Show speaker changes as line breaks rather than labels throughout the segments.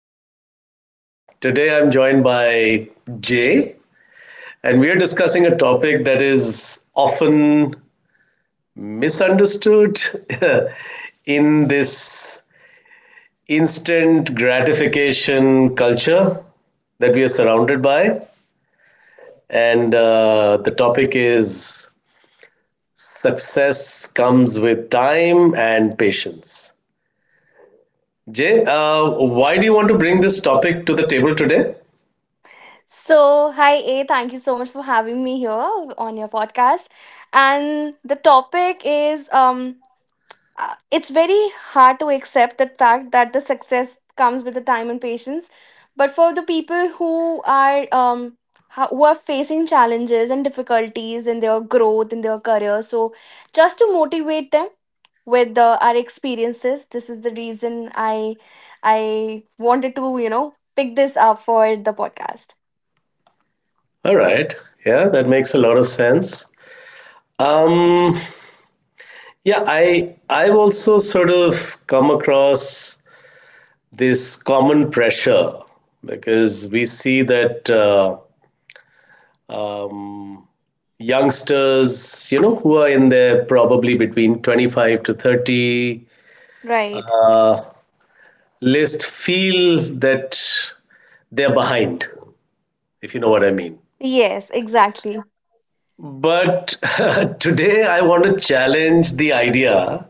everyone. Today I'm joined by Jay, and we are discussing a topic that is often misunderstood in this instant gratification culture that we are surrounded by. And the topic is success comes with time and patience. Jay, why do you want to bring this topic to the table today?
So, hi A, thank you so much for having me here on your podcast. And the topic is it's very hard to accept the fact that the success comes with the time and patience. But for the people who are who are facing challenges and difficulties in their growth in their career, so just to motivate them with our experiences, this is the reason I wanted to, you know, pick this up for the podcast.
All right. Yeah, that makes a lot of sense. Um, yeah, I I've also sort of come across this common pressure because we see that um, youngsters, you know, who are in their probably between 25 to 30
Right.
list, feel that they're behind, if you know what I mean.
Yes, exactly.
But today, I want to challenge the idea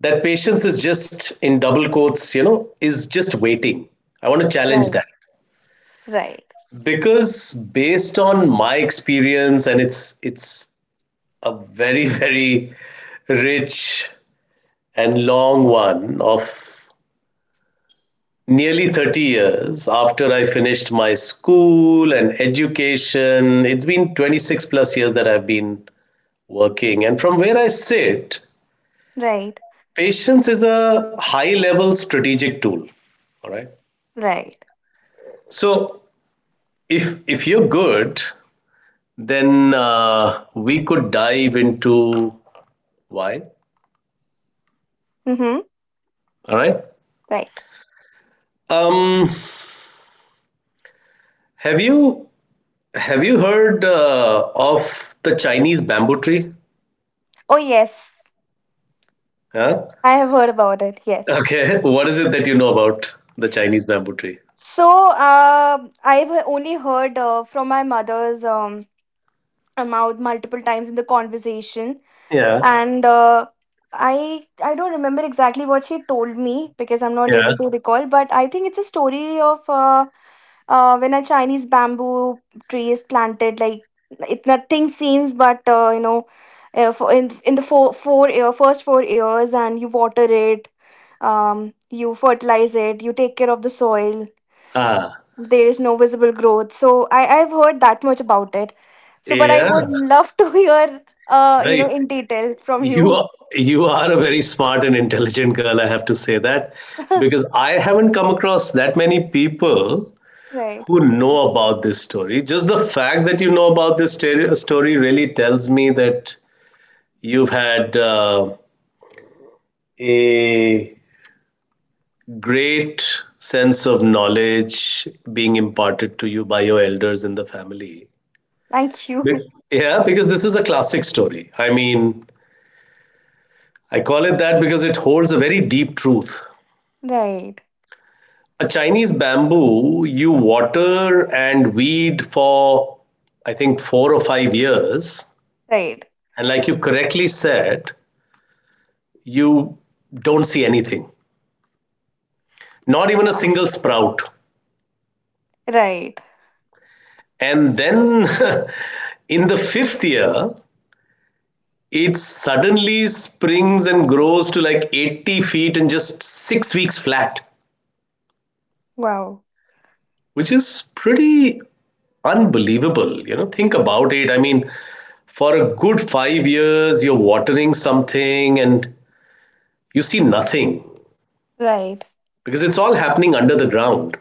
that patience is, just in double quotes, is just waiting. I want to challenge
Right.
that
Right.
because based on my experience, and it's a very very rich and long one of nearly 30 years. After I finished my school and education, it's been 26 plus years that I've been working, and from where I sit,
Right.
patience is a high level strategic tool, all right?
Right.
So if you're good, then we could dive into why.
Mm-hmm.
All right.
Right.
Um, have you have you heard of the Chinese bamboo tree?
Oh yes.
Huh?
I have heard about it. Yes.
Okay. What is it that you know about the Chinese bamboo tree?
So I've only heard from my mother's mouth multiple times in the conversation,
Yeah.
and I don't remember exactly what she told me because I'm not
Yeah.
able to recall. But I think it's a story of when a chinese bamboo tree is planted like it nothing seems but you know for in the four four year, first four years and you water it, you fertilize it, you take care of the soil,
Ah.
there is no visible growth. So I've heard that much about it. So but I
Yeah.
would love to hear
No,
you know
y-
in detail from
you
you.
are you are a very smart and intelligent girl, I have to say that, because I haven't come across that many people
Right.
who know about this story. Just the fact that you know about this story really tells me that you've had a great sense of knowledge being imparted to you by your elders in the family.
Thank
Be-
you.
Yeah, because this is a classic story. I mean, I call it that because it holds a very deep truth.
Right,
A Chinese bamboo, you water and weed for, I think, 4 or 5 years.
right.
And like you correctly said, you don't see anything, not even a
Yeah.
single sprout.
Right.
And then in the fifth year, it suddenly springs and grows to like 80 feet in just 6 weeks flat,
Wow.
which is pretty unbelievable. You know, think about it. I mean, for a good 5 years, you're watering something and you see nothing
Right.
because it's all happening under the ground.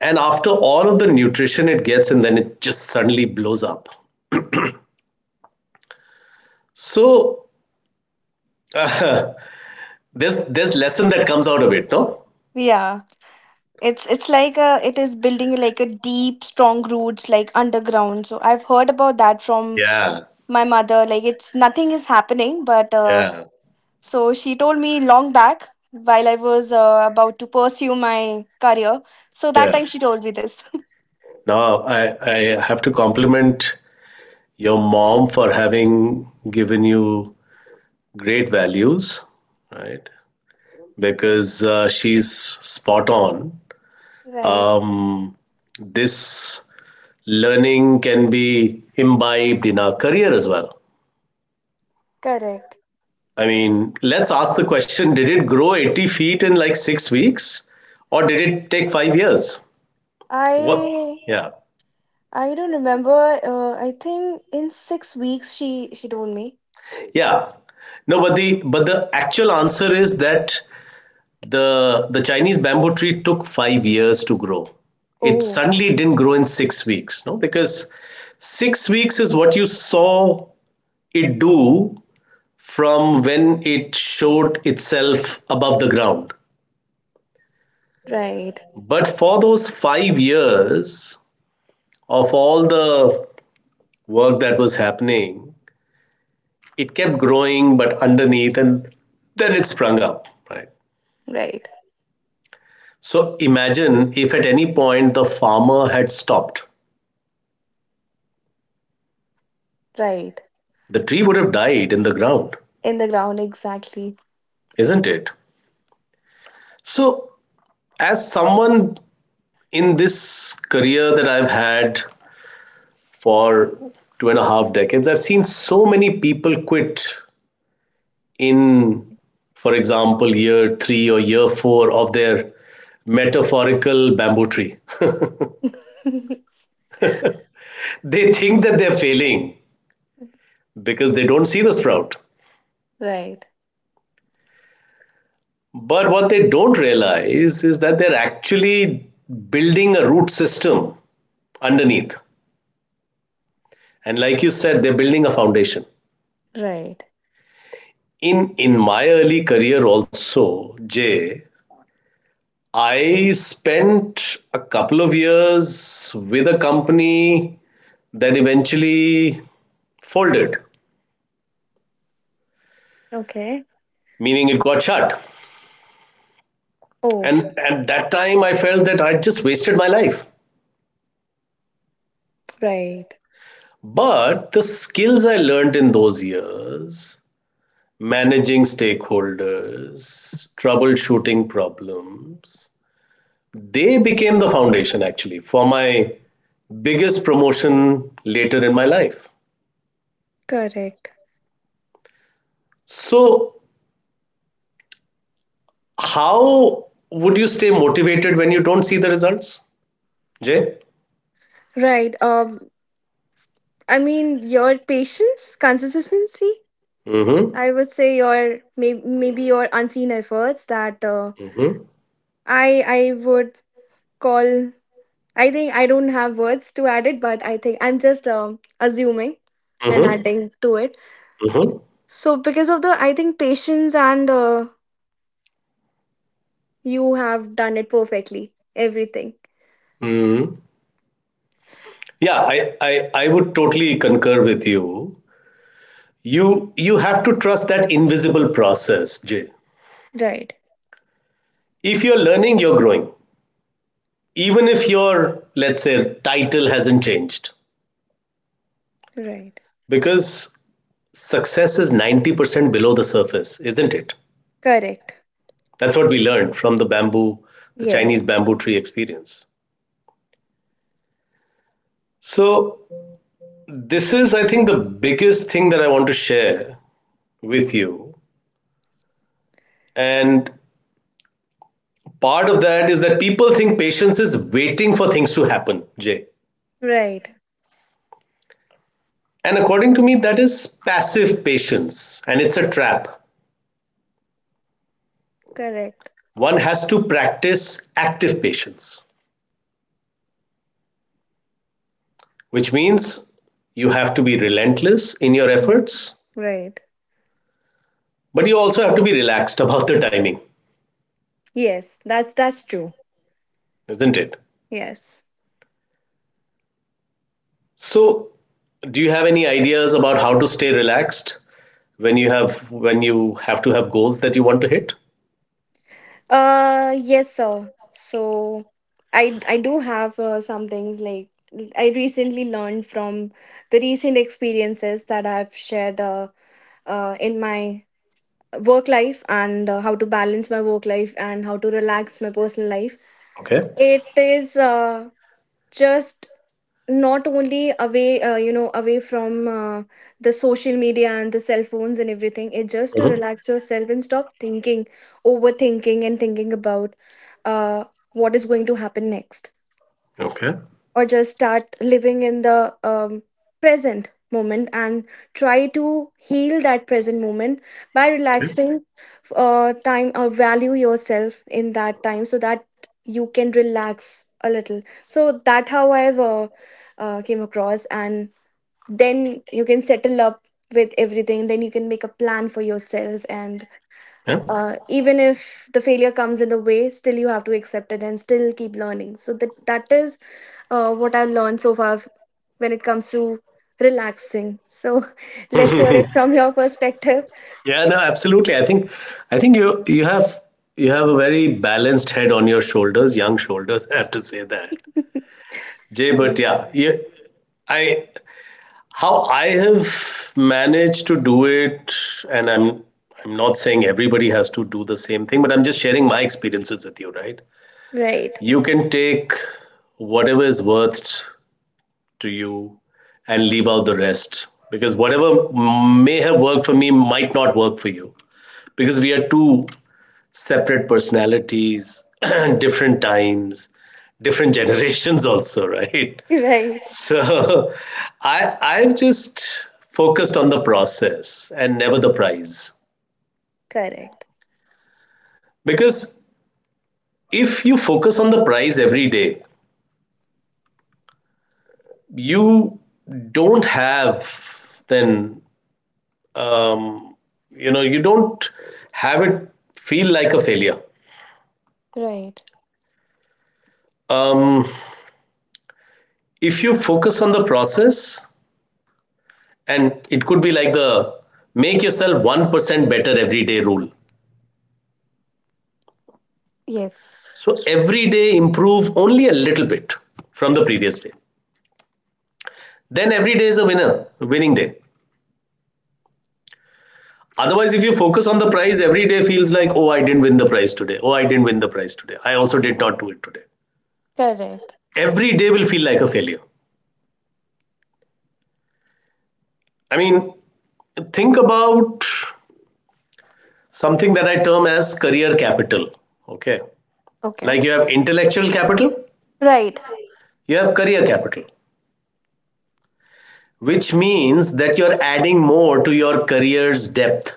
And after all of the nutrition it gets, and then it just suddenly blows up. So there's lesson that comes out of it, no?
Yeah. It's like a it is building like a deep, strong roots like underground. So I've heard about that from
Yeah,
my mother. Like it's nothing is happening, but
yeah.
so she told me long back while I was about to pursue my career. So that
Yeah.
time she told me this.
Now I have to compliment your mom for having given you great values, right? Because she's spot on.
Right,
Um, this learning can be imbibed in our career as well.
correct.
I mean, let's ask the question, did it grow 80 feet in like 6 weeks, or did it take 5 years? What?
I
Yeah,
I don't remember. I think in six weeks she told me.
yeah. No, but the actual answer is that the Chinese bamboo tree took 5 years to grow. It
Oh,
suddenly didn't grow in 6 weeks, no, because 6 weeks is what you saw it do from when it showed itself above the ground.
right,
But for those 5 years, of all the work that was happening, it kept growing, but underneath, and then it sprung up, right?
right,
So imagine if at any point the farmer had stopped,
right.
the tree would have died in the ground,
In the ground, exactly.
isn't it? So, as someone in this career that I've had for two and a half decades, I've seen so many people quit in, for example, year 3 or year 4 of their metaphorical bamboo tree. They think that they're failing because they don't see the sprout.
right,
But what they don't realize is that they're actually building a root system underneath. And like you said, they're building a foundation.
right.
In my early career also, Jay, I spent a couple of years with a company that eventually folded,
Okay.
meaning it got shut.
Oh,
And at that time, I felt that I'd just wasted my life.
right.
But the skills I learned in those years, managing stakeholders, troubleshooting problems, they became the foundation actually for my biggest promotion later in my life.
Correct.
So, how would you stay motivated when you don't see the results, Jay?
Right. I mean, your patience, consistency.
Mm-hmm.
I would say your maybe your unseen efforts that
Mm-hmm.
I would call. I think I don't have words to add it, but I think I'm just assuming and
Mm-hmm.
adding to it.
Mm-hmm.
So because of the, I think patience and you have done it perfectly. Everything.
Mm-hmm. Yeah, I I would totally concur with you. You. You have to trust that invisible process, Jay.
Right.
If you're learning, you're growing, even if your, let's say, title hasn't changed,
Right.
because success is 90% below the surface, isn't it?
Correct.
That's what we learned from the bamboo, the Chinese
Yes.
bamboo tree experience. So this is, I think, the biggest thing that I want to share with you. And part of that is that people think patience is waiting for things to happen, Jay,
Right.
and according to me, that is passive patience, and it's a trap.
Correct.
One has to practice active patience, which means you have to be relentless in your
Mhm.
efforts,
Right.
but you also have to be relaxed about the timing,
Yes, that's true.
isn't it?
Yes.
So, do you have any ideas about how to stay relaxed when you have to have goals that you want to hit?
Yes, sir. So I do have some things like I recently learned from the recent experiences that I've shared in my work life and how to balance my work life and how to relax my personal life.
Okay.
It is just not only away, you know, away from the social media and the cell phones and everything. It just to
Mhm.
relax yourself and stop thinking, overthinking, and thinking about uh, what is going to happen next,
Okay. Okay.
or just start living in the present moment and try to heal that present moment by relaxing time or value yourself in that time so that you can relax a little. So that how I've came across, and then you can settle up with everything, then you can make a plan for yourself, and
Yeah.
even if the failure comes in the way, still you have to accept it and still keep learning, so that that is what I've learned so far when it comes to relaxing. So let's hear it from your perspective.
Yeah. No. Absolutely. I think I think you you have you have a very balanced head on your shoulders, young shoulders. I have to say that, Jay. But
right.
yeah, you, I. How I have managed to do it, and I'm not saying everybody has to do the same thing, but I'm just sharing my experiences with you, right?
Right.
You can take whatever is worth to you and leave out the rest, because whatever may have worked for me might not work for you because we are two separate personalities, different times, different generations also, right?
Right.
So I I've just focused on the process and never the prize.
Correct.
Because if you focus on the prize every day, you don't have, then um, you don't have it, feel like a failure.
Right.
Um, if you focus on the process, and it could be like the make yourself 1% better every day rule.
Yes.
So every day improve only a little bit from the previous day, then every day is a winner winning day. Otherwise, if you focus on the prize, every day feels like, oh, I didn't win the prize today, oh, I didn't win the prize today, I also did not do it today.
Correct.
Every day will feel like a failure. I mean, think about something that I term as career capital, okay?
Okay.
Like you have intellectual capital,
Right.
you have career capital, which means that you're adding more to your career's depth.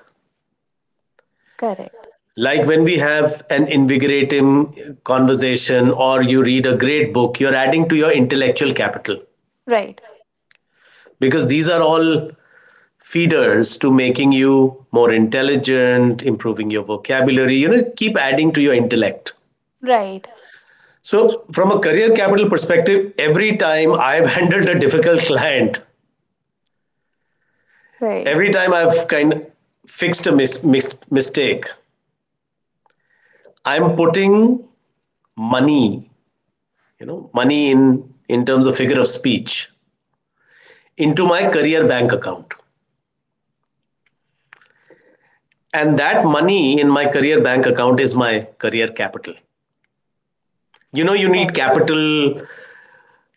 Correct.
Like when we have an invigorating conversation or you read a great book, you're adding to your intellectual capital,
Right.
because these are all feeders to making you more intelligent, improving your vocabulary, you know, keep adding to your intellect.
Right.
So, from a career capital perspective, every time I've handled a difficult client,
Right.
every time I've kind of fixed a mistake, I'm putting money, you know, money in terms of figure of speech, into my career bank account. And that money in my career bank account is my career capital. You know, you need
Right.
capital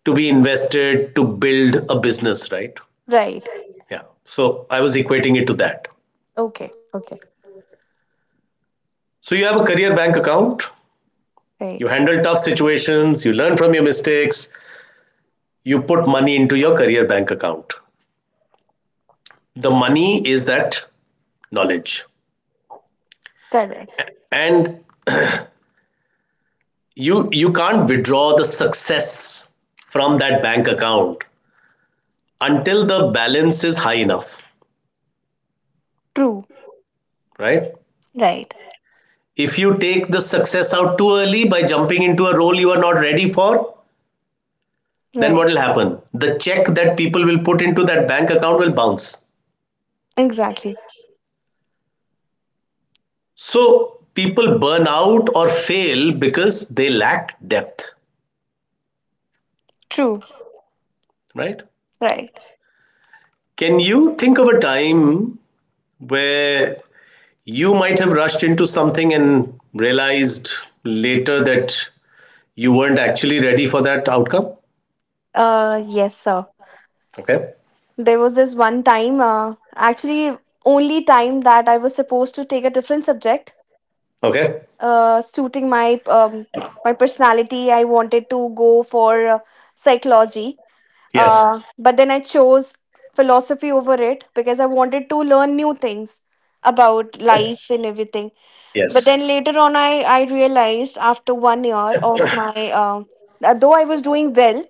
to be invested to build a business, right?
Right.
Yeah. So I was equating it to that.
Okay. Okay.
So you have a career bank account, you
Right.
handle tough situations, you learn from your mistakes, you put money into your career bank account. The money is that knowledge.
Correct.
And you can't withdraw the success from that bank account until the balance is high enough,
True.
right?
Right.
If you take the success out too early by jumping into a role you are not ready for, then
Right.
what will happen? The check that people will put into that bank account will bounce.
Exactly.
So people burn out or fail because they lack depth,
True.
right?
Right.
Can you think of a time where you might have rushed into something and realized later that you weren't actually ready for that outcome?
Yes, sir.
Okay.
There was this one time, actually only time that I was supposed to take a different subject
Okay.
suiting my, my personality. I wanted to go for psychology,
Yes.
but then I chose philosophy over it because I wanted to learn new things about
Okay.
life and everything. But
Yes.
then later on, I realized after one year of my, though I was doing well,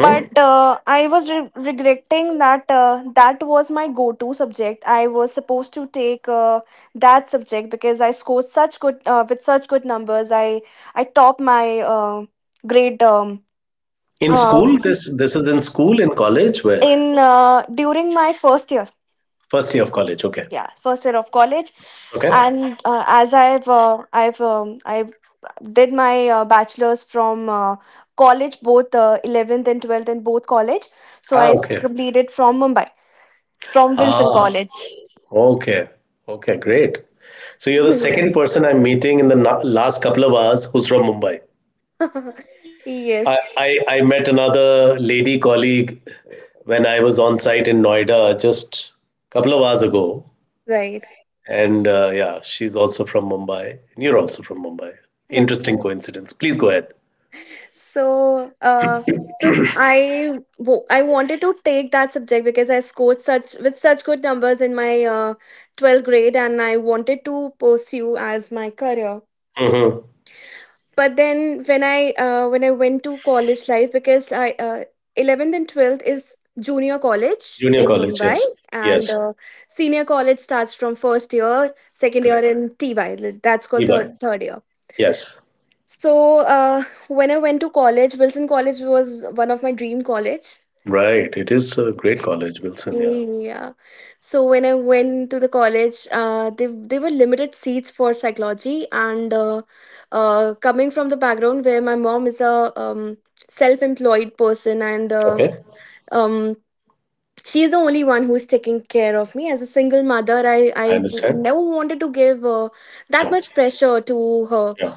but I was regretting that that was my go to subject. I was supposed to take that subject because I scored such good, with such good numbers. I topped my grade,
In
uh,
school, this is in school, in college, where?
in, during my first year.
First year of college. Okay.
Yeah, first year of college.
Okay.
And as I've I did my bachelor's from college, both 11th and 12th, and both college. So
Ah,
I
okay.
completed from Mumbai, from Wilson
Ah,
College.
okay. Okay, great. So you're the
Yeah.
second person I'm meeting in the last couple of hours who's from Mumbai. I
Yes,
I met another lady colleague when I was on site in Noida just a couple of hours ago.
right.
And yeah, she's also from Mumbai. And you're also from Mumbai. Interesting coincidence. Please go ahead.
So, I I wanted to take that subject because I scored such with such good numbers in my 12th grade, and I wanted to pursue as my career.
Mm-hmm.
But then when I when I went to college life because I 11th and 12th is junior college
Junior
in
college,
Mumbai,
yes.
and
Yes,
senior college starts from first year, second year,
correct.
in TY, that's called
Peabody,
third year.
yes.
So uh, when I went to college, Wilson College was one of my dream college.
Right. It is a great college, Wilson, yeah.
Yeah. So when I went to the college, they were limited seats for psychology, and coming from the background where my mom is a, self-employed person, and
Okay,
um, she's the only one who's taking care of me as a single mother. I
I understand.
never wanted to give that
Yeah,
much pressure to her,
yeah.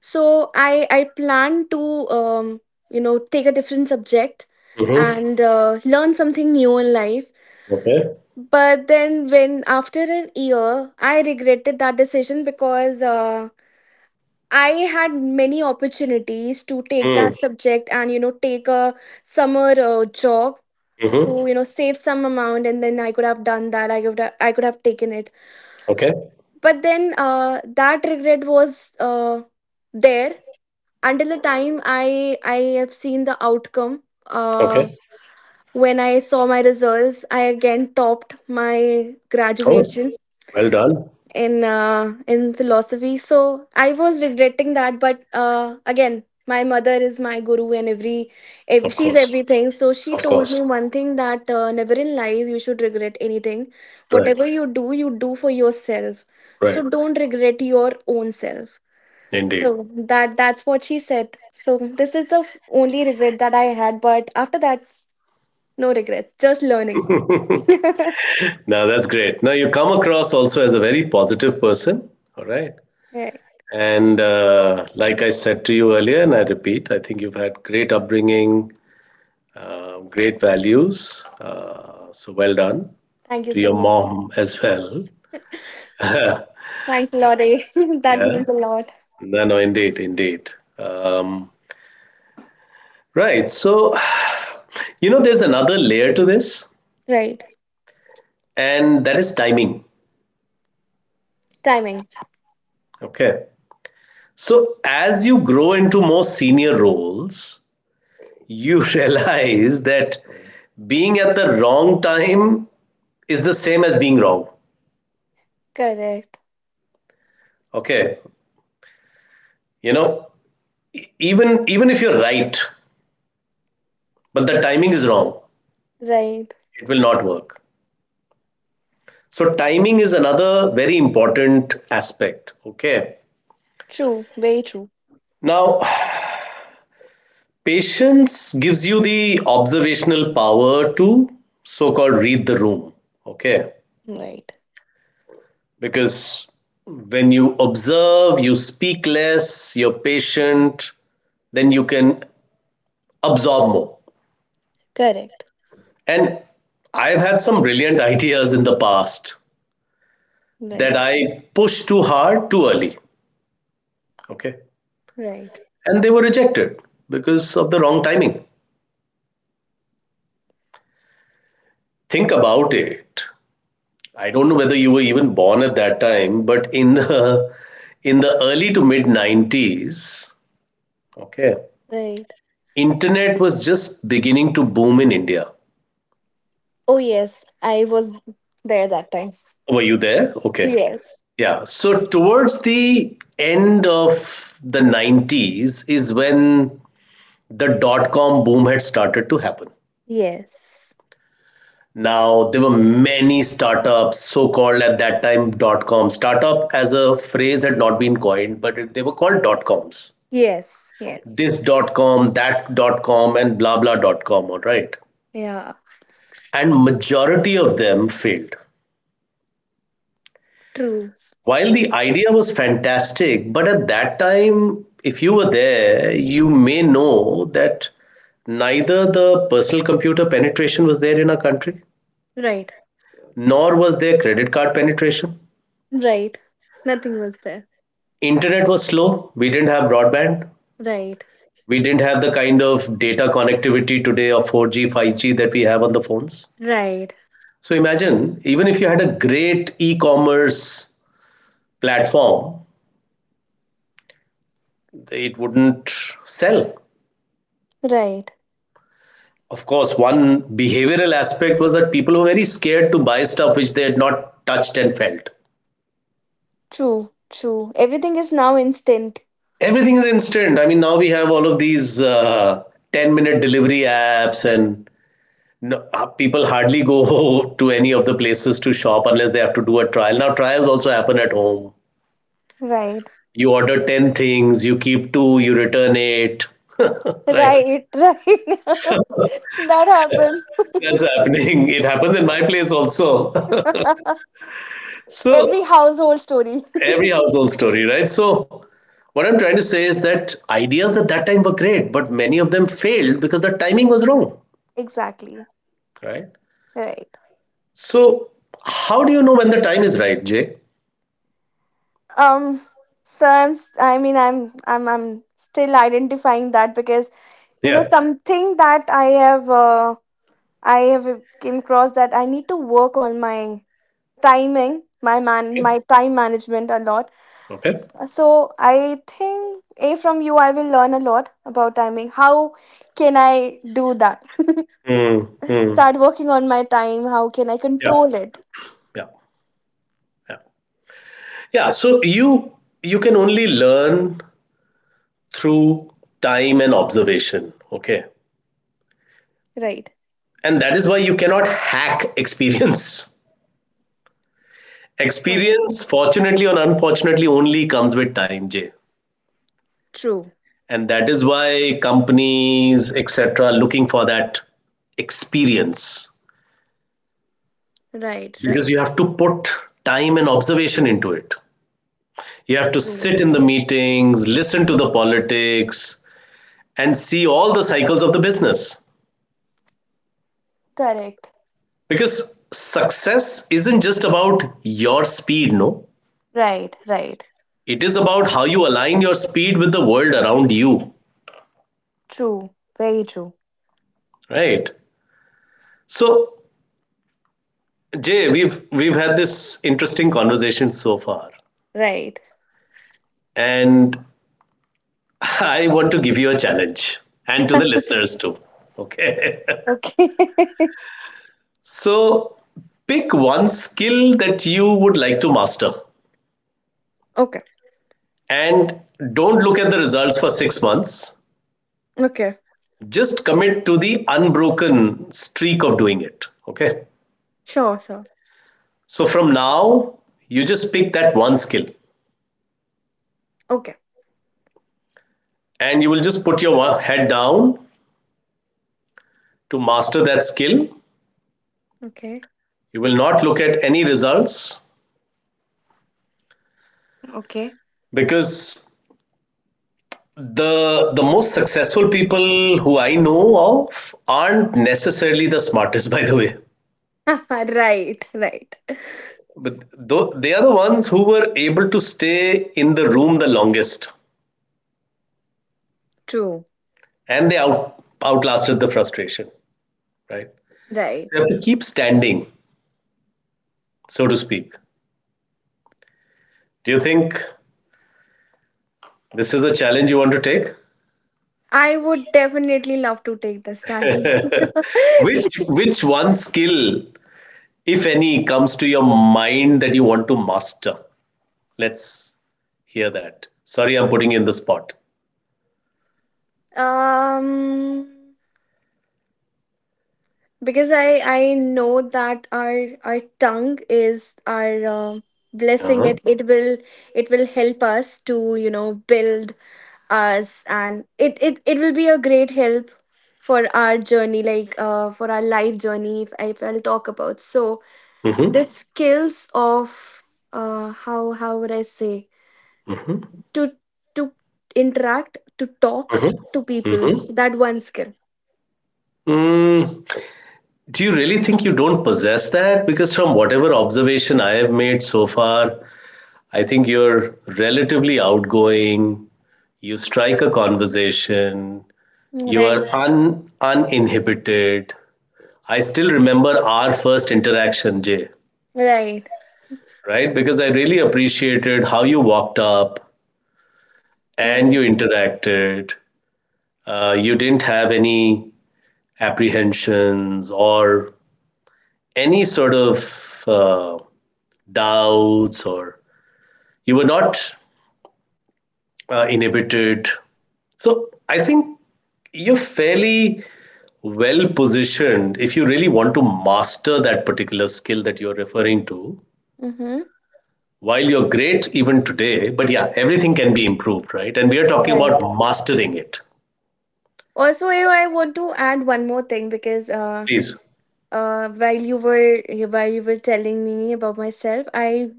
so I planned to, you know, take a different subject
Mm-hmm.
and learn something new in life.
Okay.
But then, when after a year, I regretted that decision because I had many opportunities to take
Mm,
that subject and you know take a summer job
mm-hmm.
to you know save some amount, and then I could have done that. I could have taken it.
Okay,
But then, that regret was there until the time I have seen the outcome.
okay.
When I saw my results, I again topped my
Oh,
graduation
well done.
in, in philosophy. So I was regretting that, but again my mother is my guru and
Of
she's
course,
everything. So she
of
told me
course.
one thing that, never in life you should regret anything,
Right,
whatever you do for yourself, so
right.
don't regret your own self.
Indeed.
So that's what she said. So this is the only regret that I had, but after that, no regrets, just learning.
Now
Yeah,
that's great. Now you come across also as a very positive person. All right. And like I said to you earlier, and I repeat, I think you've had great upbringing. Great values. So well done
thank you
to
so
your
much.
mom as well. Yeah.
Thanks a lot, eh? That means a lot.
No, no, indeed, indeed. Um, right. So, you know, there's another layer to this,
Right.
and that is timing.
Timing.
Okay. So, as you grow into more senior roles, you realize that being at the wrong time is the same as being wrong.
Correct.
Okay. You know, even if you're right but the timing is wrong.
Right.
It will not work. So, timing is another very important aspect. Okay.
True. Very true.
Now, patience gives you the observational power to so called read the room. Okay.
Right.
Because when you observe, you speak less, you're patient, then you can absorb more.
Correct.
And I've had some brilliant ideas in the past that
Right.
I pushed too hard too early. Okay.
Right.
And they were rejected because of the wrong timing. Think about it. I don't know whether you were even born at that time, but in the early to mid 90s, okay,
Right.
internet was just beginning to boom in India.
Oh, yes. I was there that time.
Were you there? Okay.
Yes.
Yeah. So towards the end of the 90s is when the dot com boom had started to happen.
Yes.
Now, there were many startups, so called at that time dot com. Startup as a phrase had not been coined, but they were called dot coms.
Yes. Yes.
This dot com, that dot com, and blah blah dot com, all right.
Yeah.
And majority of them failed.
True.
While the idea was fantastic, but at that time, if you were there, you may know that neither the personal computer penetration was there in our country,
Right.
nor was there credit card penetration.
Right. Nothing was there.
Internet was slow. We didn't have broadband.
Right.
We didn't have the kind of data connectivity today of 4G, 5G that we have on the phones.
Right.
So imagine, even if you had a great e commerce platform, it wouldn't sell.
Right.
Of course, one behavioral aspect was that people were very scared to buy stuff which they had not touched and felt.
True. True. Everything is now instant.
Everything is instant. I mean, now we have all of these 10-minute delivery apps and no, people hardly go to any of the places to shop unless they have to do a trial. Now, trials also happen at home.
Right. Right.
You order 10 things, you keep two, you return eight. Right.
Right. That happens.
That's happening. It happens in my place also. So,
Every household story.
every household story, right? So, what I'm trying to say is that ideas at that time were great, but many of them failed because the timing was wrong,
Exactly.
right?
Right.
So, how do you know when the time is right, Jay?
Um so I mean I'm still identifying that because you know
Yeah.
something that I have came across that I need to work on my timing, my man my time management a lot.
Okay.
So I think A from you I will learn a lot about timing. How can I do that?
Hmm. Hmm.
Start working on my time. How can I
Yeah.
control it?
Yeah. Yeah. Yeah. So you can only learn through time and observation. Okay.
Right.
And that is why you cannot hack experience.
Correct.
Experience, fortunately or unfortunately, only comes with time, Jay.
True.
And that is why companies, etc., are looking for that experience
Right,
because
right.
you have to put time and observation into it. You have to
True.
sit in the meetings, listen to the politics, and see all the cycles of the business.
Correct.
Because success isn't just about your speed, no?
Right, right.
It is about how you align your speed with the world around you,
True. Very true.
right? So, Jay, we've had this interesting conversation so far,
Right.
and I want to give you a challenge and to the listeners too. Okay.
Okay.
So, pick one skill that you would like to master
okay.
and don't look at the results for 6 months.
Okay.
Just commit to the unbroken streak of doing it. Okay.
Sure, sir.
So from now, you just pick that one skill
Okay.
and you will just put your head down to master that skill.
Okay.
You will not look at any results
Okay.
because the most successful people who I know of aren't necessarily the smartest, by the way.
right, right.
But though they are the ones who were able to stay in the room the longest,
True.
and they outlasted the frustration, right? So
Right.
you have to keep standing, so to speak. Do you think this is a challenge you want to take?
I would definitely love to take the challenge.
Which one skill, if any, comes to your mind that you want to master? Let's hear that. Sorry, I'm putting you in the spot.
um because I know that our tongue is our, blessing.
Uh-huh.
It will, it will help us to you know build us, and it will be a great help for our journey, like for our life journey. If I'll talk about, so the
Hmm.
skills of how would I say to to interact, to talk to people, so that one skill.
Mm, do you really think you don't possess that? Because from whatever observation I have made so far, I think you're relatively outgoing, you strike a conversation, you
Right,
are uninhibited. I still remember our first interaction, Jay,
right,
right? Because I really appreciated how you walked up
right.
and you interacted. You didn't have any apprehensions or any sort of doubts, or you were not inhibited. So I think you're fairly well positioned if you really want to master that particular skill that you're referring to.
Mm-hmm.
While you're great even today, but yeah, everything can be improved, right? And we are talking about
Right.
mastering it.
Also I want to add one more thing because
Please.
while you were telling me about myself, I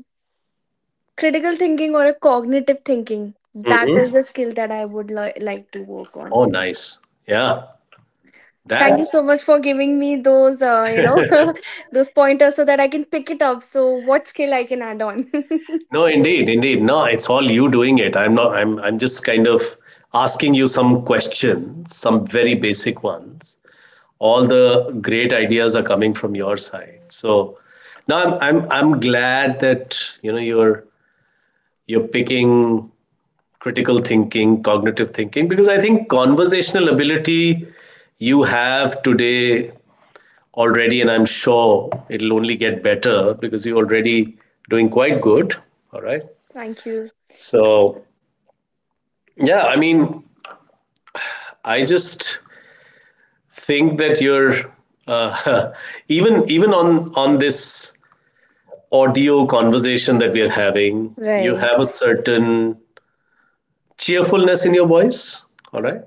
critical thinking or a cognitive thinking, that
Hmm.
is a skill that I would like to work on.
Oh, nice. Yeah. That.
Thank you so much for giving me those you know those pointers so that I can pick it up. So what skill I can add on.
No, indeed, indeed. No, it's all you doing it. I'm not. I'm. I'm just kind of asking you some questions, some very
Right.
basic ones, all the great ideas are coming from your side. So now I'm glad that you know you're picking critical thinking, cognitive thinking, because I think conversational ability you have today already, and I'm sure it'll only get better because you're already doing quite good. All right.
Thank you.
So yeah, I mean, I just think that you're uh, even on this audio conversation that we are having, you
Right.
have a certain cheerfulness in your voice, all right?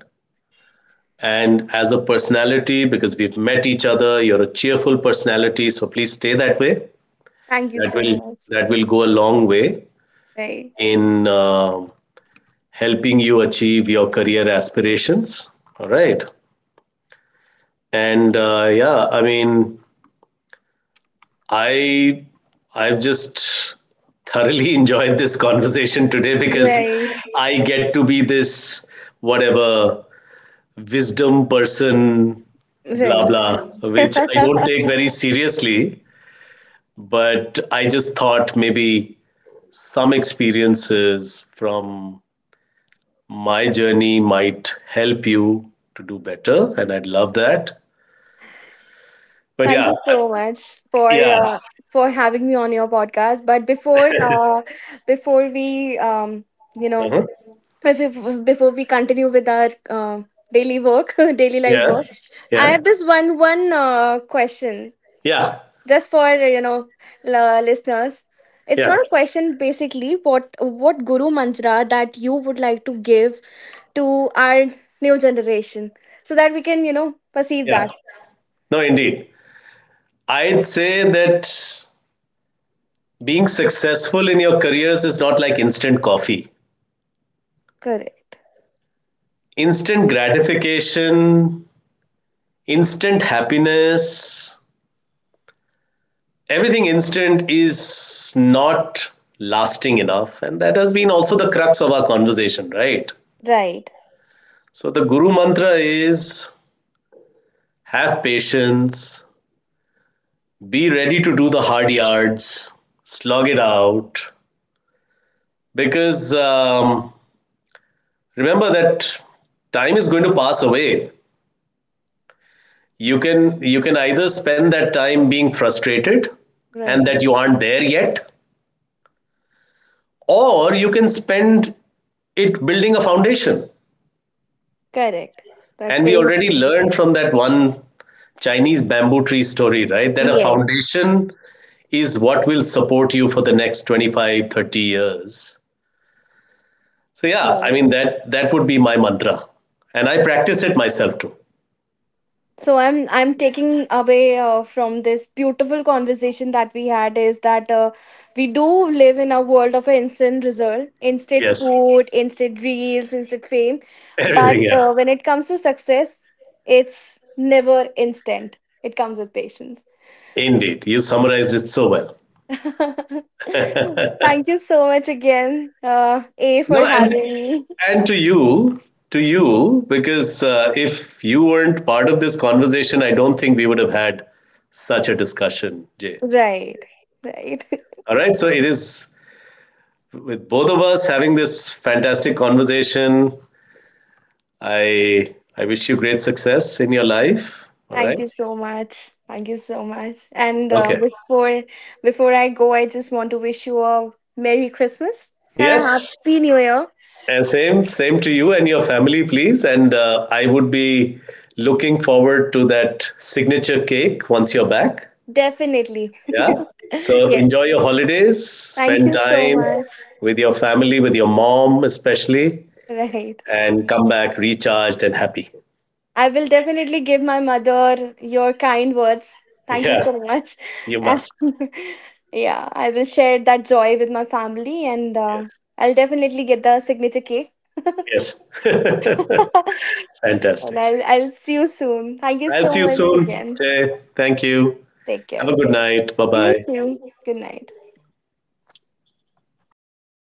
And as a personality, because we've met each other, you're a cheerful personality, so please stay that way.
Thank you
That
so
will
much.
that will go a long way
Right.
in helping you achieve your career aspirations. All right, and yeah, I mean, I I've just thoroughly enjoyed this conversation today because
Right.
I get to be this whatever wisdom person blah
Right.
blah which I don't take very seriously but I just thought maybe some experiences from my journey might help you to do better and I'd love that but
Thank
yeah
you
I-
so much for
yeah.
uh, for having me on your podcast. But before, before we um you know
Uh-huh.
But before we continue with our daily work, daily life
Yeah.
work, I
Yeah.
have this one question,
Yeah.
just for you know, listeners. It's
Yeah.
not a question basically. What guru mantra that you would like to give to our new generation so that we can you know perceive
Yeah.
that.
No, indeed. I'd say that being successful in your careers is not like instant coffee.
Correct,
Instant gratification, instant happiness, everything instant is not lasting enough. And that has been also the crux of our conversation, right?
right,
So the guru mantra is have patience, be ready to do the hard yards, slog it out, because remember that time is going to pass away. You can you can either spend that time being frustrated and
right,
that you aren't there yet, or you can spend it building a foundation,
correct. That's
and we
very
already
true.
learned from that one Chinese bamboo tree story, right, that a
Yes.
foundation is what will support you for the next 25, 30 years. So yeah, I
Right.
mean that would be my mantra, and I practice it myself too.
So I'm taking away from this beautiful conversation that we had is that, we do live in a world of instant result, instant
Yes.
food, instant reels, instant fame.
Everything,
But
yeah.
when it comes to success, it's never instant. It comes with patience.
Indeed, you summarized it so well.
Thank you so much again, A, for
No,
having me.
and to you, because if you weren't part of this conversation, I don't think we would have had such a discussion, Jay.
Right, right.
All right, so it is with both of us having this fantastic conversation. I wish you great success in your life. All
Thank
right.
you so much. Thank you so much. And
Okay.
before I go, I just want to wish you a Merry Christmas and a
Yes.
Happy New Year.
And same, same to you and your family, please. And I would be looking forward to that signature cake once you're back.
Definitely.
Yeah. So enjoy
Yes.
your holidays,
Thank
spend
you so
time
much.
with your family, with your mom, especially,
Right.
and come back recharged and happy.
I will definitely give my mother your kind words. Thank you
Yeah,
so much.
you must.
And yeah, I will share that joy with my family, and I'll definitely get the signature cake.
Yes. Yes.
And
Fantastic.
I'll see you soon. Thank you
I'll
so
see you
much
soon.
again.
Jay. Thank you.
Take
Have a
care.
good night. Bye
You
bye.
too. Good night.